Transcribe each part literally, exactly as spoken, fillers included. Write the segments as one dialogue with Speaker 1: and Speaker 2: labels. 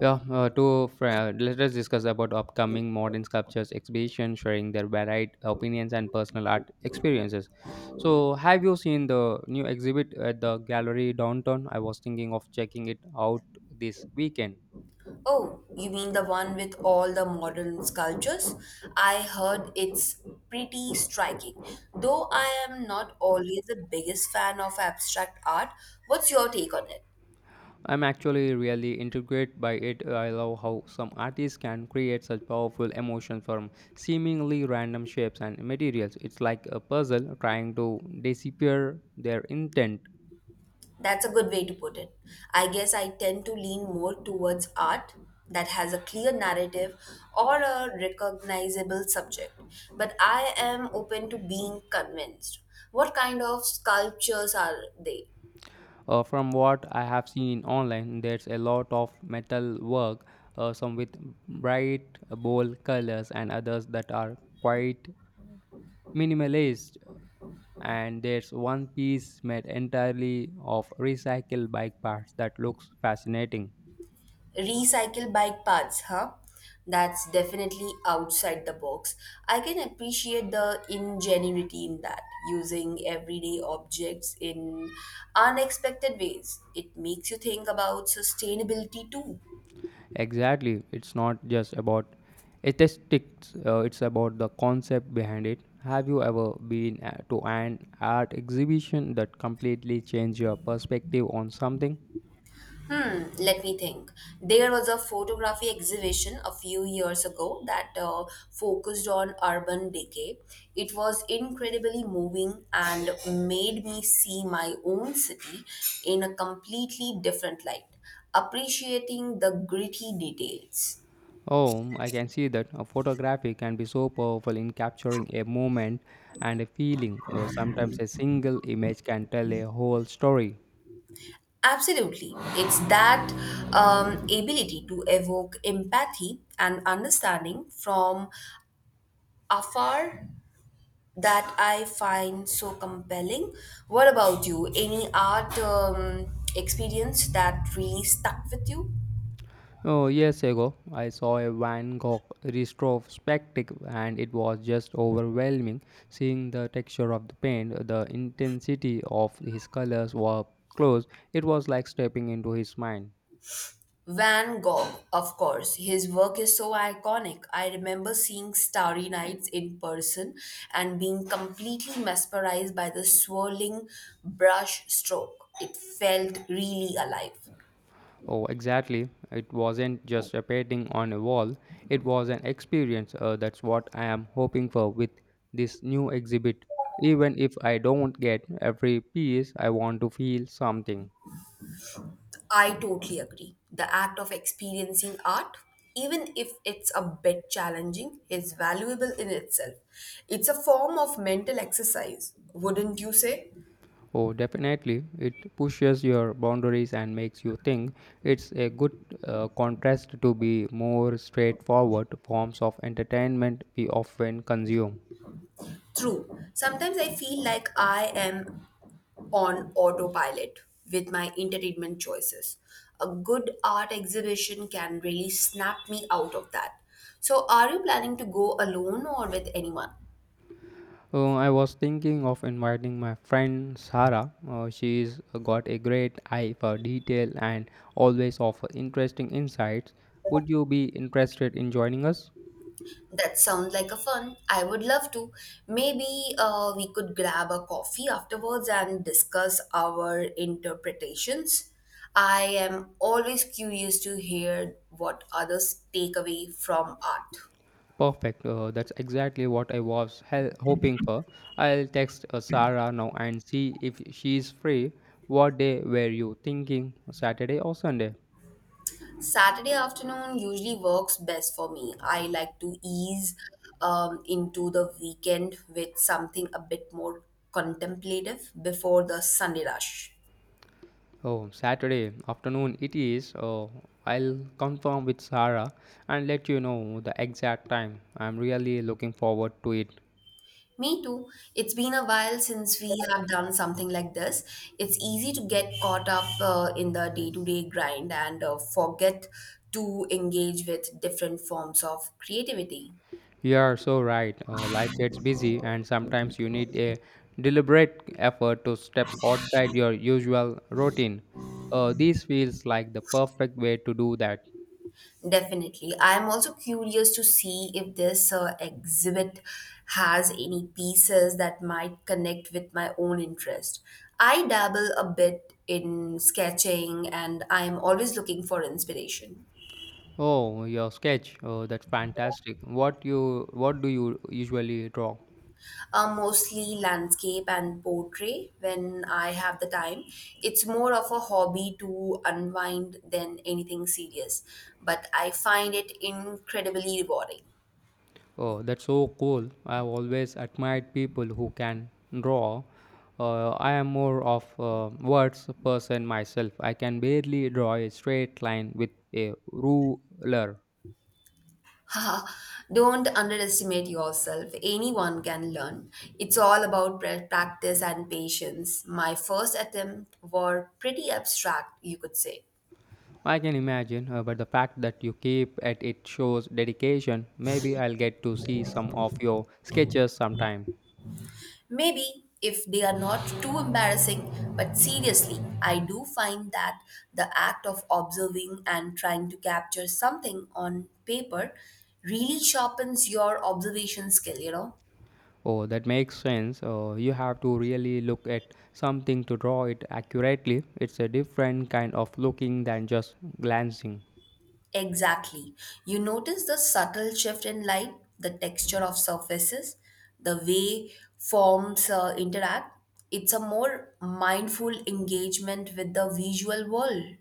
Speaker 1: Yeah, uh, to fr- let us discuss about upcoming modern sculptures exhibition, sharing their varied opinions and personal art experiences. So, have you seen the new exhibit at the gallery downtown? I was thinking of checking it out this weekend.
Speaker 2: Oh, you mean the one with all the modern sculptures? I heard it's pretty striking. Though I am not always the biggest fan of abstract art, what's your take on it?
Speaker 1: I'm actually really intrigued by it. I love how some artists can create such powerful emotions from seemingly random shapes and materials. It's like a puzzle trying to decipher their intent.
Speaker 2: That's a good way to put it. I guess I tend to lean more towards art that has a clear narrative or a recognizable subject, but I am open to being convinced. What kind of sculptures are they?
Speaker 1: Uh, from what I have seen online, there's a lot of metal work, uh, some with bright, bold colors, and others that are quite minimalist. And there's one piece made entirely of recycled bike parts that looks fascinating.
Speaker 2: Recycle bike paths, huh? That's definitely outside the box. I can appreciate the ingenuity in that, using everyday objects in unexpected ways. It makes you think about sustainability too.
Speaker 1: Exactly, it's not just about aesthetics, uh, it's about the concept behind it. Have you ever been uh, to an art exhibition that completely changed your perspective on something?
Speaker 2: Hmm, let me think. There was a photography exhibition a few years ago that uh, focused on urban decay. It was incredibly moving and made me see my own city in a completely different light, appreciating the gritty details.
Speaker 1: Oh, I can see that a photography can be so powerful in capturing a moment and a feeling. Uh, sometimes a single image can tell a whole story.
Speaker 2: Absolutely. It's that um, ability to evoke empathy and understanding from afar that I find so compelling. What about you? Any art um, experience that really stuck with you?
Speaker 1: Oh, years ago, I saw a Van Gogh retrospective and it was just overwhelming. Seeing the texture of the paint, the intensity of his colors were close, it was like stepping into his mind.
Speaker 2: Van Gogh, of course. His work is so iconic. I remember seeing Starry Nights in person and being completely mesmerized by the swirling brush stroke. It felt really alive.
Speaker 1: Oh, exactly. It wasn't just a painting on a wall, it was an experience. Uh, that's what I am hoping for with this new exhibit. Even if I don't get every piece, I want to feel something.
Speaker 2: I totally agree. The act of experiencing art, even if it's a bit challenging, is valuable in itself. It's a form of mental exercise, wouldn't you say?
Speaker 1: Oh, definitely. It pushes your boundaries and makes you think. It's a good uh, contrast to be more straightforward forms of entertainment we often consume.
Speaker 2: True. Sometimes I feel like I am on autopilot with my entertainment choices. A good art exhibition can really snap me out of that. So, are you planning to go alone or with anyone?
Speaker 1: Uh, I was thinking of inviting my friend Sarah. Uh, she's got a great eye for detail and always offer interesting insights. Would you be interested in joining us?
Speaker 2: That sounds like a fun. I would love to. Maybe uh, we could grab a coffee afterwards and discuss our interpretations. I am always curious to hear what others take away from art.
Speaker 1: Perfect. Uh, that's exactly what I was hel- hoping for. I'll text uh, Sarah now and see if she's free. What day were you thinking? Saturday or Sunday?
Speaker 2: Saturday afternoon usually works best for me. I like to ease um, into the weekend with something a bit more contemplative before the Sunday rush.
Speaker 1: Oh, Saturday afternoon it is. Oh, I'll confirm with Sarah and let you know the exact time. I'm really looking forward to it.
Speaker 2: Me too. It's been a while since we have done something like this. It's easy to get caught up uh, in the day-to-day grind and uh, forget to engage with different forms of creativity.
Speaker 1: You are so right. Uh, life gets busy, and sometimes you need a deliberate effort to step outside your usual routine. Uh, this feels like the perfect way to do that.
Speaker 2: Definitely. I'm also curious to see if this uh, exhibit has any pieces that might connect with my own interest. I dabble a bit in sketching and I'm always looking for inspiration.
Speaker 1: Oh, your sketch. Oh, that's fantastic. What you what do you usually draw?
Speaker 2: Uh, mostly landscape and portrait when I have the time. It's more of a hobby to unwind than anything serious, but I find it incredibly rewarding.
Speaker 1: Oh, that's so cool. I've always admired people who can draw. Uh, I am more of a words person myself. I can barely draw a straight line with a ruler.
Speaker 2: Haha, don't underestimate yourself. Anyone can learn. It's all about pra- practice and patience. My first attempt were pretty abstract, you could say.
Speaker 1: I can imagine, uh, but the fact that you keep at it shows dedication. Maybe I'll get to see some of your sketches sometime.
Speaker 2: Maybe if they are not too embarrassing, but seriously, I do find that the act of observing and trying to capture something on paper really sharpens your observation skill, you know?
Speaker 1: Oh, that makes sense. Uh, you have to really look at something to draw it accurately. It's a different kind of looking than just glancing.
Speaker 2: Exactly. You notice the subtle shift in light, the texture of surfaces, the way forms uh, interact. It's a more mindful engagement with the visual world.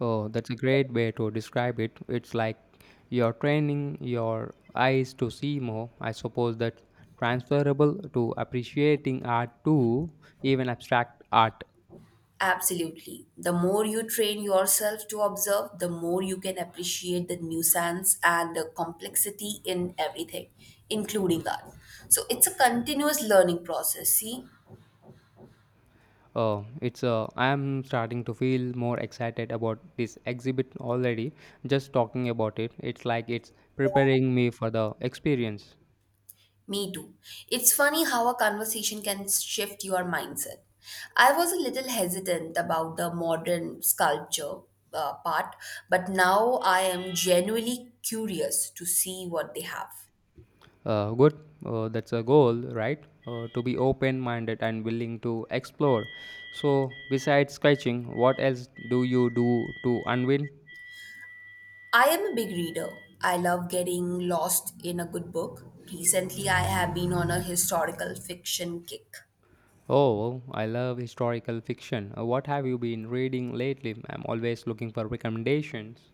Speaker 1: Oh, that's a great way to describe it. It's like you're training your eyes to see more. I suppose that's transferable to appreciating art too, even abstract art.
Speaker 2: Absolutely. The more you train yourself to observe, the more you can appreciate the nuisance and the complexity in everything, including art. So it's a continuous learning process. See,
Speaker 1: Oh, it's uh, I'm starting to feel more excited about this exhibit already. Just talking about it, it's like it's preparing me for the experience.
Speaker 2: me too. It's funny how a conversation can shift your mindset. I was a little hesitant about the modern sculpture uh, part, but now I am genuinely curious to see what they have.
Speaker 1: Uh, good. Uh, that's a goal, right? Uh, to be open minded and willing to explore. So, besides sketching, what else do you do to unwind?
Speaker 2: I am a big reader. I love getting lost in a good book. Recently, I have been on a historical fiction kick.
Speaker 1: Oh, I love historical fiction. Uh, what have you been reading lately? I'm always looking for recommendations.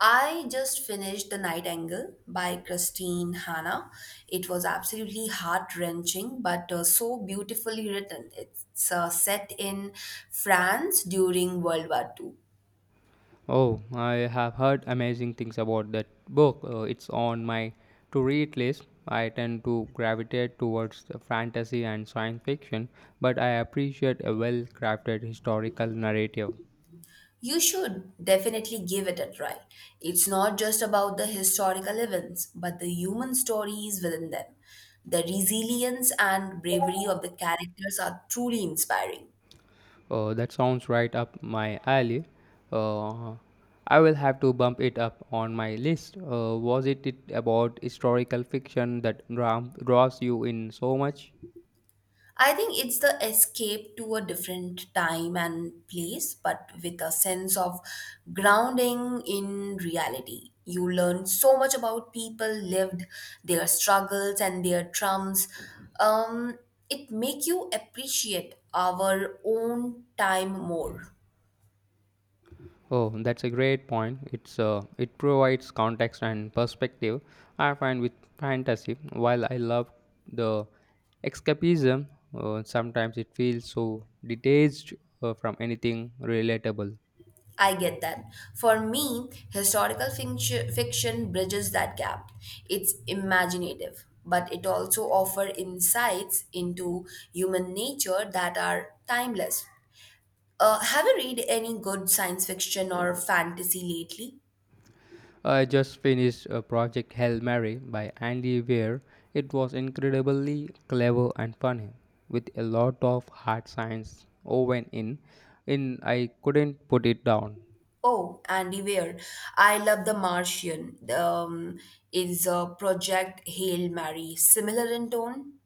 Speaker 2: I just finished The Night Angle by Christine Hanna. It was absolutely heart wrenching, but uh, so beautifully written. It's uh, set in France during World War Two.
Speaker 1: Oh, I have heard amazing things about that book. Uh, it's on my to read list. I tend to gravitate towards the fantasy and science fiction, but I appreciate a well crafted historical narrative.
Speaker 2: You should definitely give it a try. It's not just about the historical events, but the human stories within them. The resilience and bravery of the characters are truly inspiring.
Speaker 1: Uh, that sounds right up my alley. Uh, I will have to bump it up on my list. Uh, was it, it about historical fiction that dra- draws you in so much?
Speaker 2: I think it's the escape to a different time and place, but with a sense of grounding in reality. You learn so much about people lived, their struggles and their trumps. Um, it make you appreciate our own time more.
Speaker 1: Oh, that's a great point. It's uh, it provides context and perspective. I find with fantasy, while I love the escapism, uh, sometimes it feels so detached uh, from anything relatable.
Speaker 2: I get that. For me, historical fiction, fiction bridges that gap. It's imaginative, but it also offers insights into human nature that are timeless. Uh, have you read any good science fiction or fantasy lately?
Speaker 1: I just finished a project Hail Mary by Andy Weir. It was incredibly clever and funny, with a lot of hard science woven in. In I couldn't put it down.
Speaker 2: Oh, Andy Weir. I love The Martian. Um, is a Project Hail Mary similar in tone?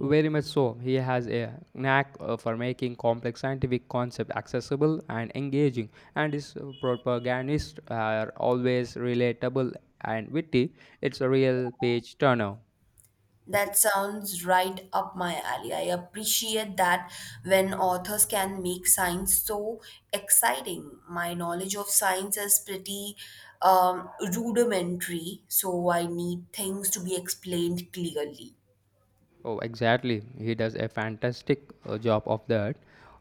Speaker 1: Very much so, he has a knack uh, for making complex scientific concepts accessible and engaging, and his protagonists are always relatable and witty. It's a real page turner.
Speaker 2: That sounds right up my alley. I appreciate that when authors can make science so exciting. My knowledge of science is pretty um, rudimentary, so I need things to be explained clearly.
Speaker 1: Oh, exactly. He does a fantastic uh, job of that.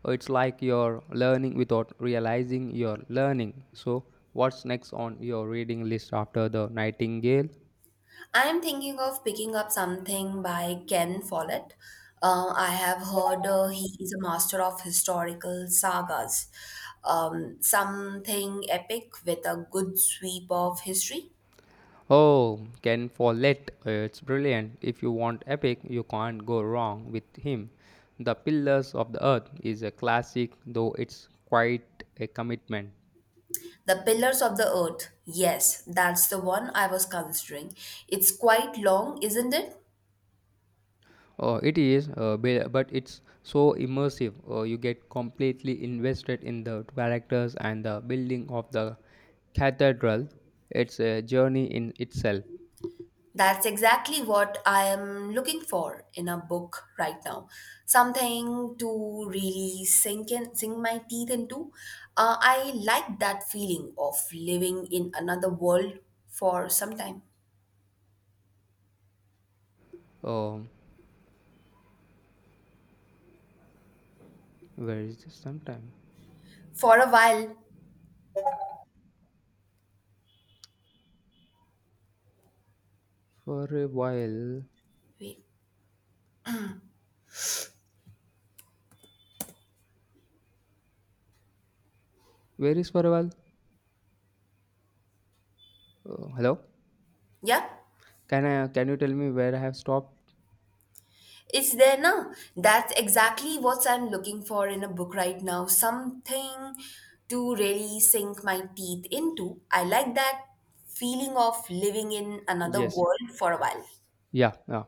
Speaker 1: Uh, It's like you're learning without realizing you're learning. So, what's next on your reading list after The Nightingale?
Speaker 2: I am thinking of picking up something by Ken Follett. Uh, I have heard uh, he is a master of historical sagas. Um, something epic with a good sweep of history.
Speaker 1: Oh, Ken Follett. Uh, It's brilliant. If you want epic, you can't go wrong with him. The Pillars of the Earth is a classic, though it's quite a commitment.
Speaker 2: The Pillars of the Earth. Yes, that's the one I was considering. It's quite long, isn't it?
Speaker 1: Uh, it is, uh, be- but it's so immersive. Uh, you get completely invested in the characters and the building of the cathedral. It's a journey in itself.
Speaker 2: That's exactly what I am looking for in a book right now. Something to really sink in, sink my teeth into. Uh, I like that feeling of living in another world for some time,
Speaker 1: Um, where is this sometime?
Speaker 2: for a while.
Speaker 1: For a while.
Speaker 2: Wait,
Speaker 1: Where is for a while? Uh, hello?
Speaker 2: yeah.
Speaker 1: Can I? Can you tell me where I have stopped?
Speaker 2: It's there now. That's exactly what I'm looking for in a book right now. Something to really sink my teeth into. I like that feeling of living in another
Speaker 1: Yes.
Speaker 2: world for a while.
Speaker 1: Yeah, yeah.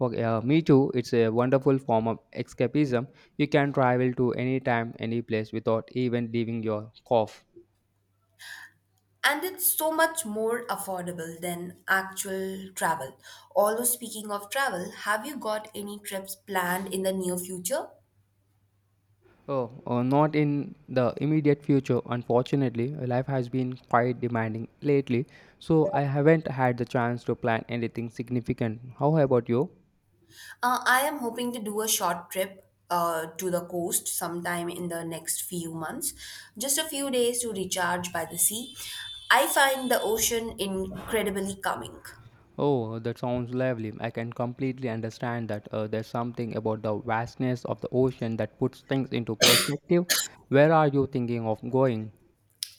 Speaker 1: Okay. Uh, me too. It's a wonderful form of escapism. You can travel to any time, any place without even leaving your cove.
Speaker 2: And it's so much more affordable than actual travel. Although, speaking of travel, have you got any trips planned in the near future?
Speaker 1: Oh, uh, not in the immediate future, unfortunately. Life has been quite demanding lately, so I haven't had the chance to plan anything significant. How about you?
Speaker 2: Uh, I am hoping to do a short trip uh, to the coast sometime in the next few months. Just a few days to recharge by the sea. I find the ocean incredibly calming.
Speaker 1: Oh, that sounds lovely. I can completely understand that uh, there's something about the vastness of the ocean that puts things into perspective. Where are you thinking of going?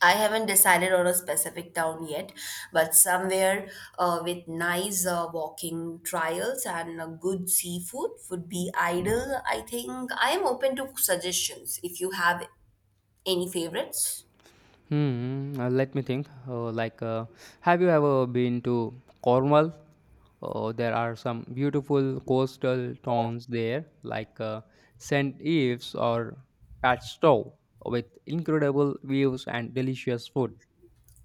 Speaker 2: I haven't decided on a specific town yet, but somewhere uh, with nice uh, walking trails and uh, good seafood would be ideal, I think. I am open to suggestions if you have any favorites.
Speaker 1: Hmm. Uh, let me think. Uh, like, uh, have you ever been to Cornwall? Uh, there are some beautiful coastal towns there, like uh, Saint Ives or Padstow, with incredible views and delicious food.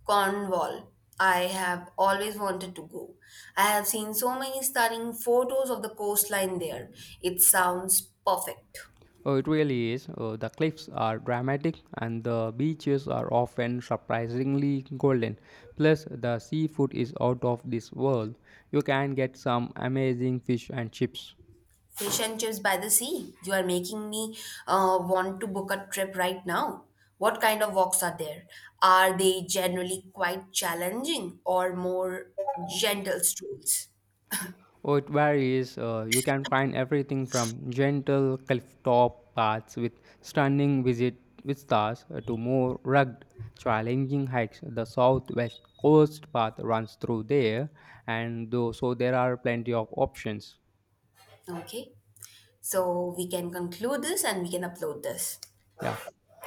Speaker 2: Cornwall. I have always wanted to go. I have seen so many stunning photos of the coastline there. It sounds perfect.
Speaker 1: Oh, it really is. Uh, the cliffs are dramatic and the beaches are often surprisingly golden. Plus, the seafood is out of this world. You can get some amazing fish and chips.
Speaker 2: Fish and chips by the sea. You are making me uh, want to book a trip right now. What kind of walks are there? Are they generally quite challenging or more gentle strolls?
Speaker 1: Oh, it varies. Uh, you can find everything from gentle cliff-top paths with stunning visit vistas uh, to more rugged, challenging hikes. The southwest coast path runs through there, and though, so there are plenty of options.
Speaker 2: Okay,
Speaker 1: Yeah,
Speaker 2: so we can conclude this and we can upload this.
Speaker 1: yeah.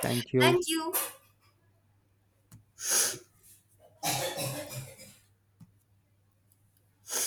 Speaker 1: Thank you.
Speaker 2: Thank you.